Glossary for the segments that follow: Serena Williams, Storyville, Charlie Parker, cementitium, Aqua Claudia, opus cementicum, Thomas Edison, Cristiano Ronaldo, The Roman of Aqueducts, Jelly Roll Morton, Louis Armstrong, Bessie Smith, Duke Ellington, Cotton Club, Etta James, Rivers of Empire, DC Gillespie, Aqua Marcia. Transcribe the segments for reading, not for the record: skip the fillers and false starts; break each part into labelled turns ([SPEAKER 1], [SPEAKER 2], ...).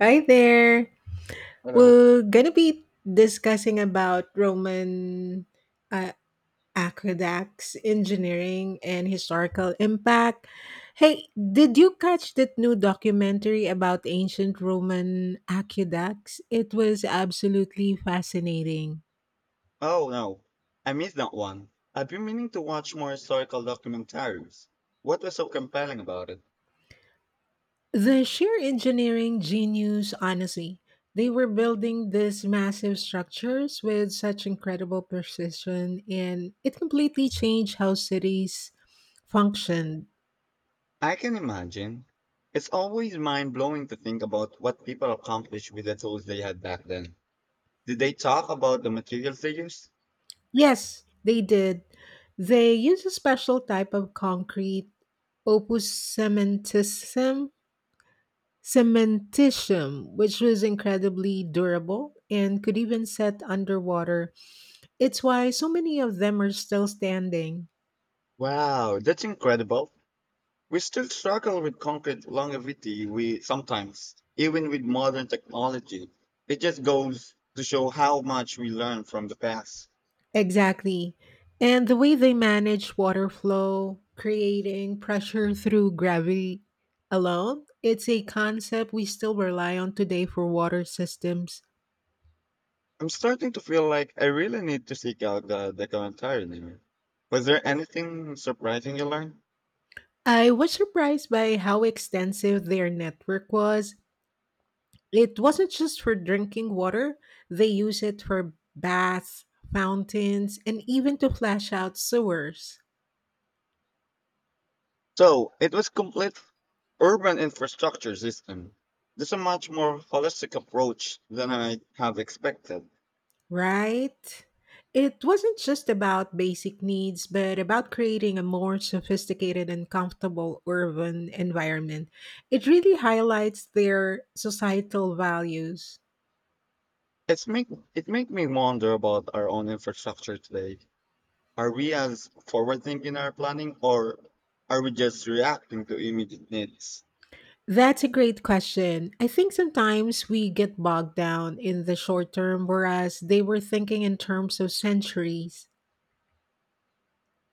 [SPEAKER 1] Hi there.
[SPEAKER 2] Hello.
[SPEAKER 1] We're gonna be discussing about Roman uh, aqueducts, engineering, and historical impact. Hey, did you catch that new documentary about ancient Roman aqueducts? It was absolutely fascinating.
[SPEAKER 2] Oh no, I missed that one. I've been meaning to watch more historical documentaries. What was so compelling about it?
[SPEAKER 1] The sheer engineering genius, honestly. They were building these massive structures with such incredible precision, and it completely changed how cities functioned.
[SPEAKER 2] I can imagine. It's always mind blowing to think about what people accomplished with the tools they had back then. Did they talk about the materials they used?
[SPEAKER 1] Yes, they did. They used a special type of concrete, opus cementicum, cementitium, which was incredibly durable and could even set underwater. It's why so many of them are still standing.
[SPEAKER 2] Wow, that's incredible. We still struggle with concrete longevity we sometimes, even with modern technology. It just goes to show how much we learn from the past.
[SPEAKER 1] Exactly. And the way they manage water flow, creating pressure through gravity alone, it's a concept we still rely on today for water systems.
[SPEAKER 2] I'm starting to feel like I really need to seek out the documentary. Was there anything surprising you learned?
[SPEAKER 1] I was surprised by how extensive their network was. It wasn't just for drinking water, they use it for baths, fountains, and even to flush out sewers.
[SPEAKER 2] So, it was complete urban infrastructure system. This is a much more holistic approach than I have expected.
[SPEAKER 1] Right? It wasn't just about basic needs, but about creating a more sophisticated and comfortable urban environment. It really highlights their societal values.
[SPEAKER 2] It's make it make me wonder about our own infrastructure today. Are we as forward thinking in our planning or are we just reacting to immediate needs?
[SPEAKER 1] That's a great question. I think sometimes we get bogged down in the short term, whereas they were thinking in terms of centuries.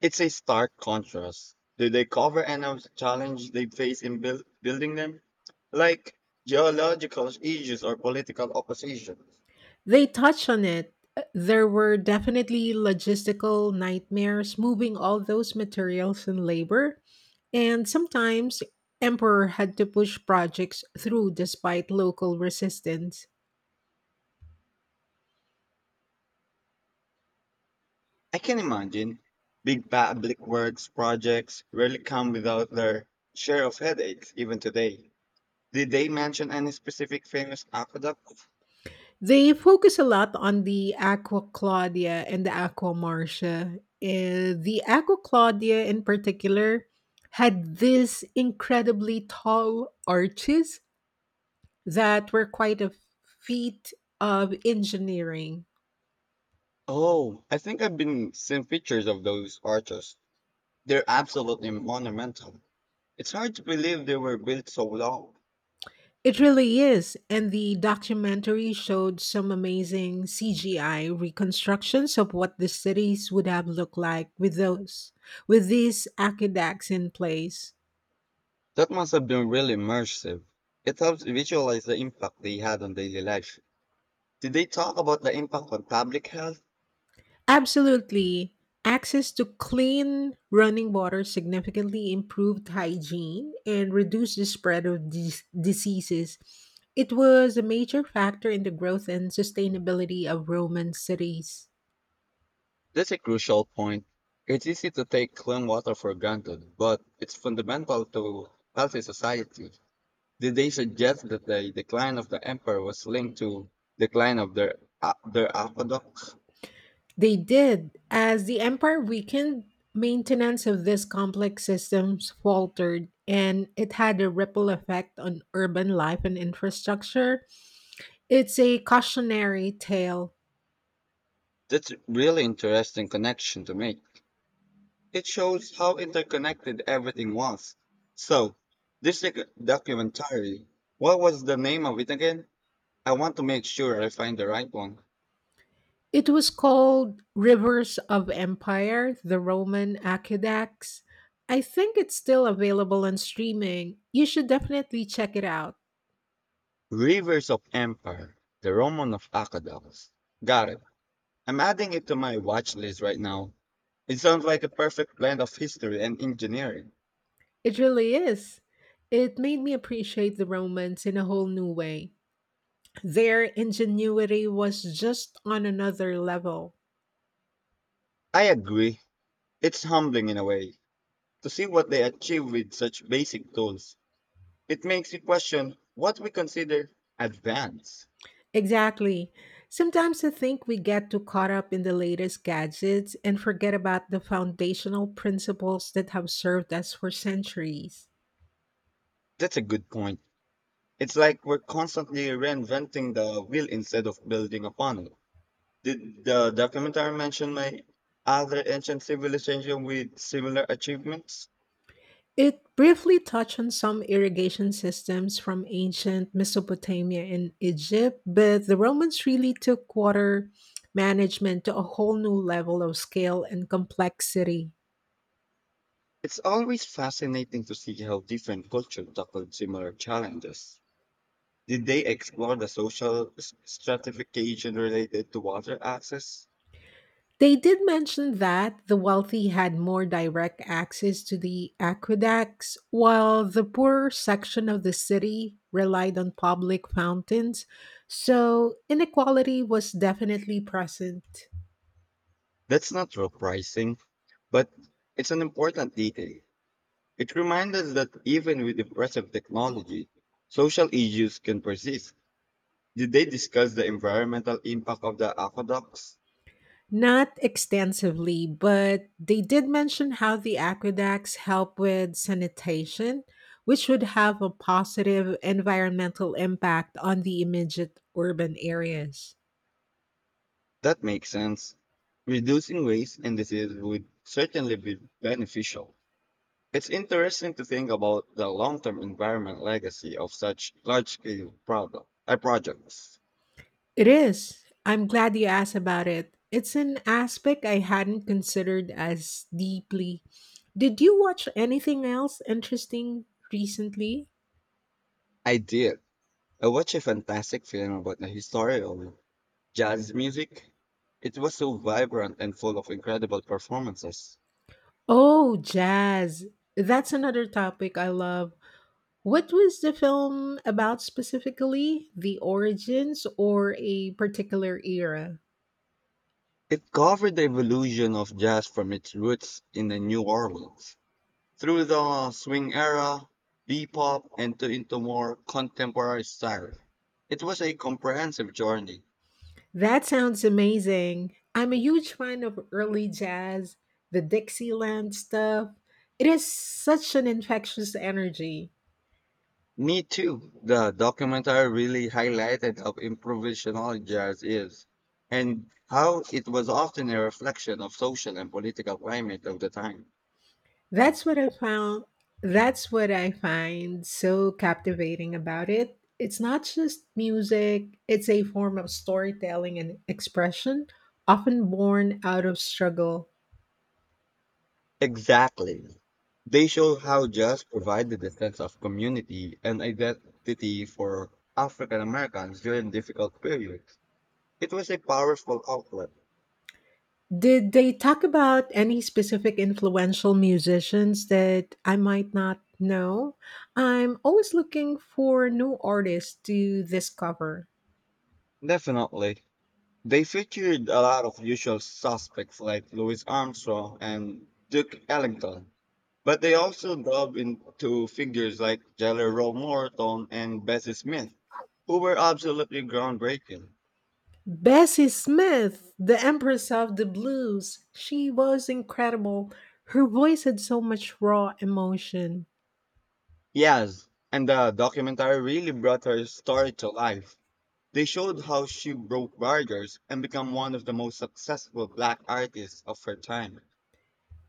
[SPEAKER 2] It's a stark contrast. Do they cover any of the challenge they face in building them? Like geological issues or political opposition.
[SPEAKER 1] They touch on it. There were definitely logistical nightmares moving all those materials and labor, and sometimes Emperor had to push projects through despite local resistance.
[SPEAKER 2] I can imagine big public works projects rarely come without their share of headaches, even today. Did they mention any specific famous aqueducts?
[SPEAKER 1] They focus a lot on the Aqua Claudia and the Aqua Marcia. The Aqua Claudia, in particular, had these incredibly tall arches that were quite a feat of engineering.
[SPEAKER 2] Oh, I think I've been seeing pictures of those arches. They're absolutely monumental. It's hard to believe they were built so long.
[SPEAKER 1] It really is. And the documentary showed some amazing CGI reconstructions of what the cities would have looked like with those with these aqueducts in place.
[SPEAKER 2] That must have been really immersive. It helps visualize the impact they had on daily life. Did they talk about the impact on public health?
[SPEAKER 1] Absolutely. Access to clean running water significantly improved hygiene and reduced the spread of diseases. It was a major factor in the growth and sustainability of Roman cities.
[SPEAKER 2] That's a crucial point. It's easy to take clean water for granted, but it's fundamental to healthy society. Did they suggest that the decline of the empire was linked to decline of their aqueducts?
[SPEAKER 1] They did. As the empire weakened, maintenance of these complex systems faltered, and it had a ripple effect on urban life and infrastructure. It's a cautionary tale.
[SPEAKER 2] That's really interesting connection to make. It shows how interconnected everything was. So, this documentary, what was the name of it again? I want to make sure I find the right one.
[SPEAKER 1] It was called Rivers of Empire, the Roman Aqueducts. I think it's still available on streaming. You should definitely check it out.
[SPEAKER 2] Rivers of Empire, The Roman of Aqueducts. Got it. I'm adding it to my watch list right now. It sounds like a perfect blend of history and engineering.
[SPEAKER 1] It really is. It made me appreciate the Romans in a whole new way. Their ingenuity was just on another level.
[SPEAKER 2] I agree. It's humbling in a way to see what they achieve with such basic tools. It makes you question what we consider advanced.
[SPEAKER 1] Exactly. Sometimes I think we get too caught up in the latest gadgets and forget about the foundational principles that have served us for centuries.
[SPEAKER 2] That's a good point. It's like we're constantly reinventing the wheel instead of building upon it. Did the documentary mention my other ancient civilization with similar achievements?
[SPEAKER 1] It briefly touched on some irrigation systems from ancient Mesopotamia and Egypt, but the Romans really took water management to a whole new level of scale and complexity.
[SPEAKER 2] It's always fascinating to see how different cultures tackled similar challenges. Did they explore the social stratification related to water access?
[SPEAKER 1] They did mention that the wealthy had more direct access to the aqueducts, while the poorer section of the city relied on public fountains. So inequality was definitely present.
[SPEAKER 2] That's not surprising, but it's an important detail. It reminds us that even with impressive technology, social issues can persist. Did they discuss the environmental impact of the aqueducts?
[SPEAKER 1] Not extensively, but they did mention how the aqueducts help with sanitation, which would have a positive environmental impact on the immediate urban areas.
[SPEAKER 2] That makes sense. Reducing waste and disease would certainly be beneficial. It's interesting to think about the long-term environment legacy of such large-scale projects.
[SPEAKER 1] It is. I'm glad you asked about it. It's an aspect I hadn't considered as deeply. Did you watch anything else interesting recently?
[SPEAKER 2] I did. I watched a fantastic film about the history of jazz music. It was so vibrant and full of incredible performances.
[SPEAKER 1] Oh, jazz. That's another topic I love. What was the film about specifically? The origins or a particular era?
[SPEAKER 2] It covered the evolution of jazz from its roots in the New Orleans through the swing era, bebop, and to into more contemporary style. It was a comprehensive journey.
[SPEAKER 1] That sounds amazing. I'm a huge fan of early jazz, the Dixieland stuff. It is such an infectious energy.
[SPEAKER 2] Me too. The documentary really highlighted how improvisational jazz is and how it was often a reflection of social and political climate of the time.
[SPEAKER 1] That's what I found. That's what I find so captivating about it. It's not just music, it's a form of storytelling and expression, often born out of struggle.
[SPEAKER 2] Exactly. They show how jazz provided a sense of community and identity for African Americans during difficult periods. It was a powerful outlet.
[SPEAKER 1] Did they talk about any specific influential musicians that I might not know? I'm always looking for new artists to discover.
[SPEAKER 2] Definitely. They featured a lot of usual suspects like Louis Armstrong and Duke Ellington, but they also dove into figures like Jelly Roll Morton and Bessie Smith, who were absolutely groundbreaking.
[SPEAKER 1] Bessie Smith, the Empress of the Blues, she was incredible. Her voice had so much raw emotion.
[SPEAKER 2] Yes, and the documentary really brought her story to life. They showed how she broke barriers and became one of the most successful black artists of her time.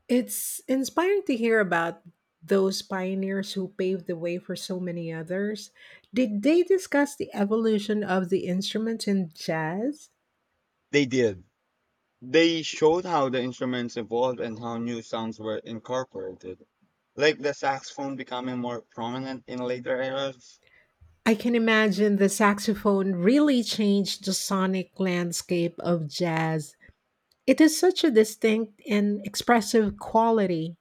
[SPEAKER 1] It's inspiring to hear about those pioneers who paved the way for so many others. Did they discuss the evolution of the instrument in jazz?
[SPEAKER 2] They did. They showed how the instruments evolved and how new sounds were incorporated, like the saxophone becoming more prominent in later eras.
[SPEAKER 1] I can imagine the saxophone really changed the sonic landscape of jazz. It is such a distinct and expressive quality.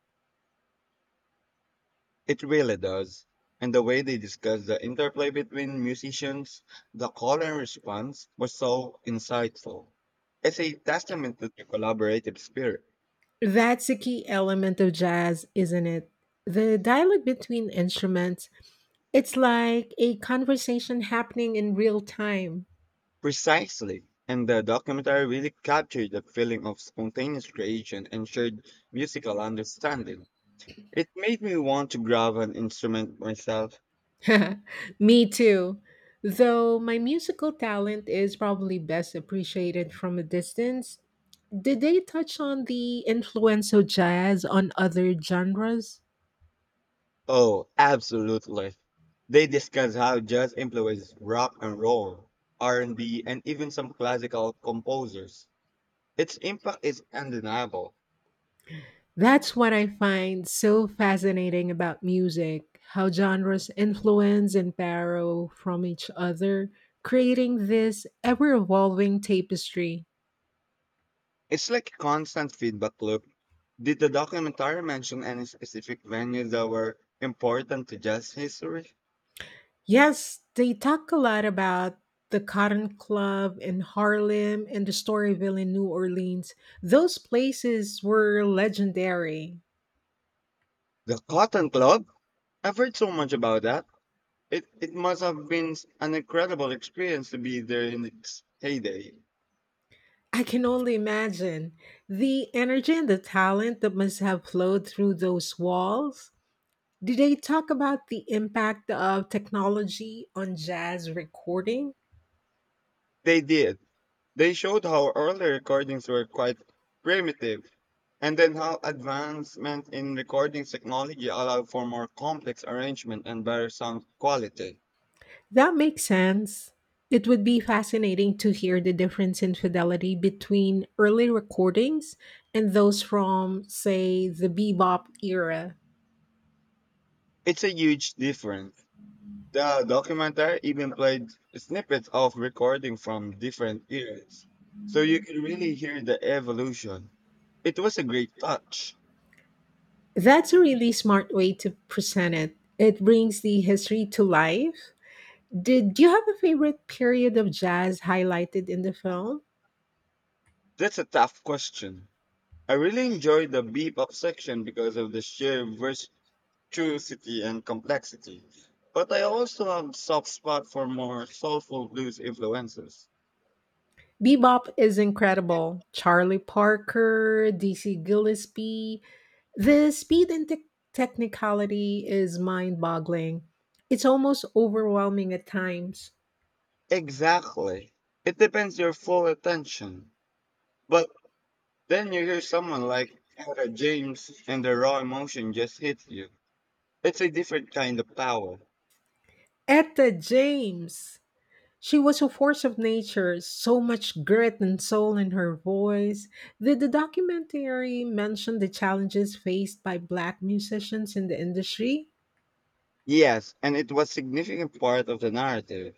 [SPEAKER 2] It really does. And the way they discussed the interplay between musicians, the call and response was so insightful. It's a testament to their collaborative spirit.
[SPEAKER 1] That's a key element of jazz, isn't it? The dialogue between instruments. It's like a conversation happening in real time.
[SPEAKER 2] Precisely. And the documentary really captured the feeling of spontaneous creation and shared musical understanding. It made me want to grab an instrument myself.
[SPEAKER 1] Me too. Though my musical talent is probably best appreciated from a distance. Did they touch on the influence of jazz on other genres?
[SPEAKER 2] Oh, absolutely. They discuss how jazz influences rock and roll, R&B, and B, and even some classical composers. Its impact is undeniable.
[SPEAKER 1] That's what I find so fascinating about music how genres influence and borrow from each other, creating this ever evolving tapestry.
[SPEAKER 2] It's like a constant feedback loop. Did the documentary mention any specific venues that were important to jazz history?
[SPEAKER 1] Yes, they talk a lot about the Cotton Club in Harlem and the Storyville in New Orleans. Those places were legendary.
[SPEAKER 2] The Cotton Club? I've heard so much about that. It must have been an incredible experience to be there in its heyday.
[SPEAKER 1] I can only imagine the energy and the talent that must have flowed through those walls. Did they talk about the impact of technology on jazz recording?
[SPEAKER 2] They did. They showed how early recordings were quite primitive, and then how advancement in recording technology allowed for more complex arrangement and better sound quality.
[SPEAKER 1] That makes sense. It would be fascinating to hear the difference in fidelity between early recordings and those from, say, the bebop era.
[SPEAKER 2] It's a huge difference. The documentary even played snippets of recording from different eras, so you could really hear the evolution. It was a great touch.
[SPEAKER 1] That's a really smart way to present it. It brings the history to life. Did you have a favorite period of jazz highlighted in the film?
[SPEAKER 2] That's a tough question. I really enjoyed the bebop section because of the sheer vers. Virtuosity and complexity, but I also have soft spot for more soulful blues influences.
[SPEAKER 1] Bebop is incredible. Charlie Parker, DC Gillespie. The speed and technicality is mind boggling. It's almost overwhelming at times.
[SPEAKER 2] Exactly. It depends your full attention. But then you hear someone like Etta James and the raw emotion just hits you. It's a different kind of power.
[SPEAKER 1] Etta James! She was a force of nature, so much grit and soul in her voice. Did the documentary mention the challenges faced by black musicians in the industry?
[SPEAKER 2] Yes, and it was significant part of the narrative.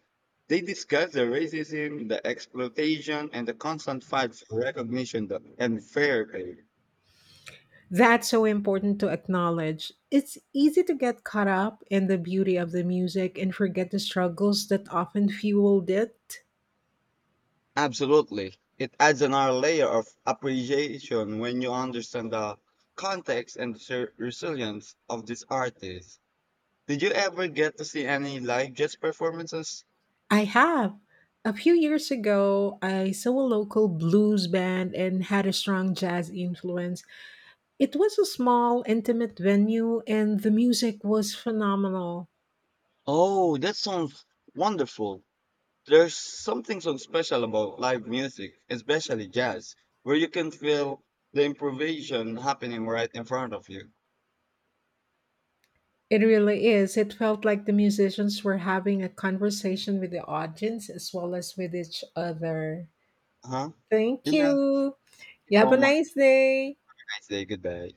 [SPEAKER 2] They discuss the racism, the exploitation, and the constant fight for and fair pay.
[SPEAKER 1] That's so important to acknowledge. It's easy to get caught up in the beauty of the music and forget the struggles that often fueled it.
[SPEAKER 2] Absolutely. It adds another layer of appreciation when you understand the context and resilience of these artists. Did you ever get to see any live jazz performances?
[SPEAKER 1] I have. A few years ago, I saw a local blues band and had a strong jazz influence. It was a small, intimate venue, and the music was phenomenal.
[SPEAKER 2] Oh, that sounds wonderful. There's something so special about live music, especially jazz, where you can feel the improvisation happening right in front of you.
[SPEAKER 1] It really is. It felt like the musicians were having a conversation with the audience as well as with each other.
[SPEAKER 2] Huh?
[SPEAKER 1] Thank
[SPEAKER 2] Yeah.
[SPEAKER 1] you.
[SPEAKER 2] Thank you
[SPEAKER 1] You have a
[SPEAKER 2] so much.
[SPEAKER 1] nice day.
[SPEAKER 2] Nice day. Goodbye.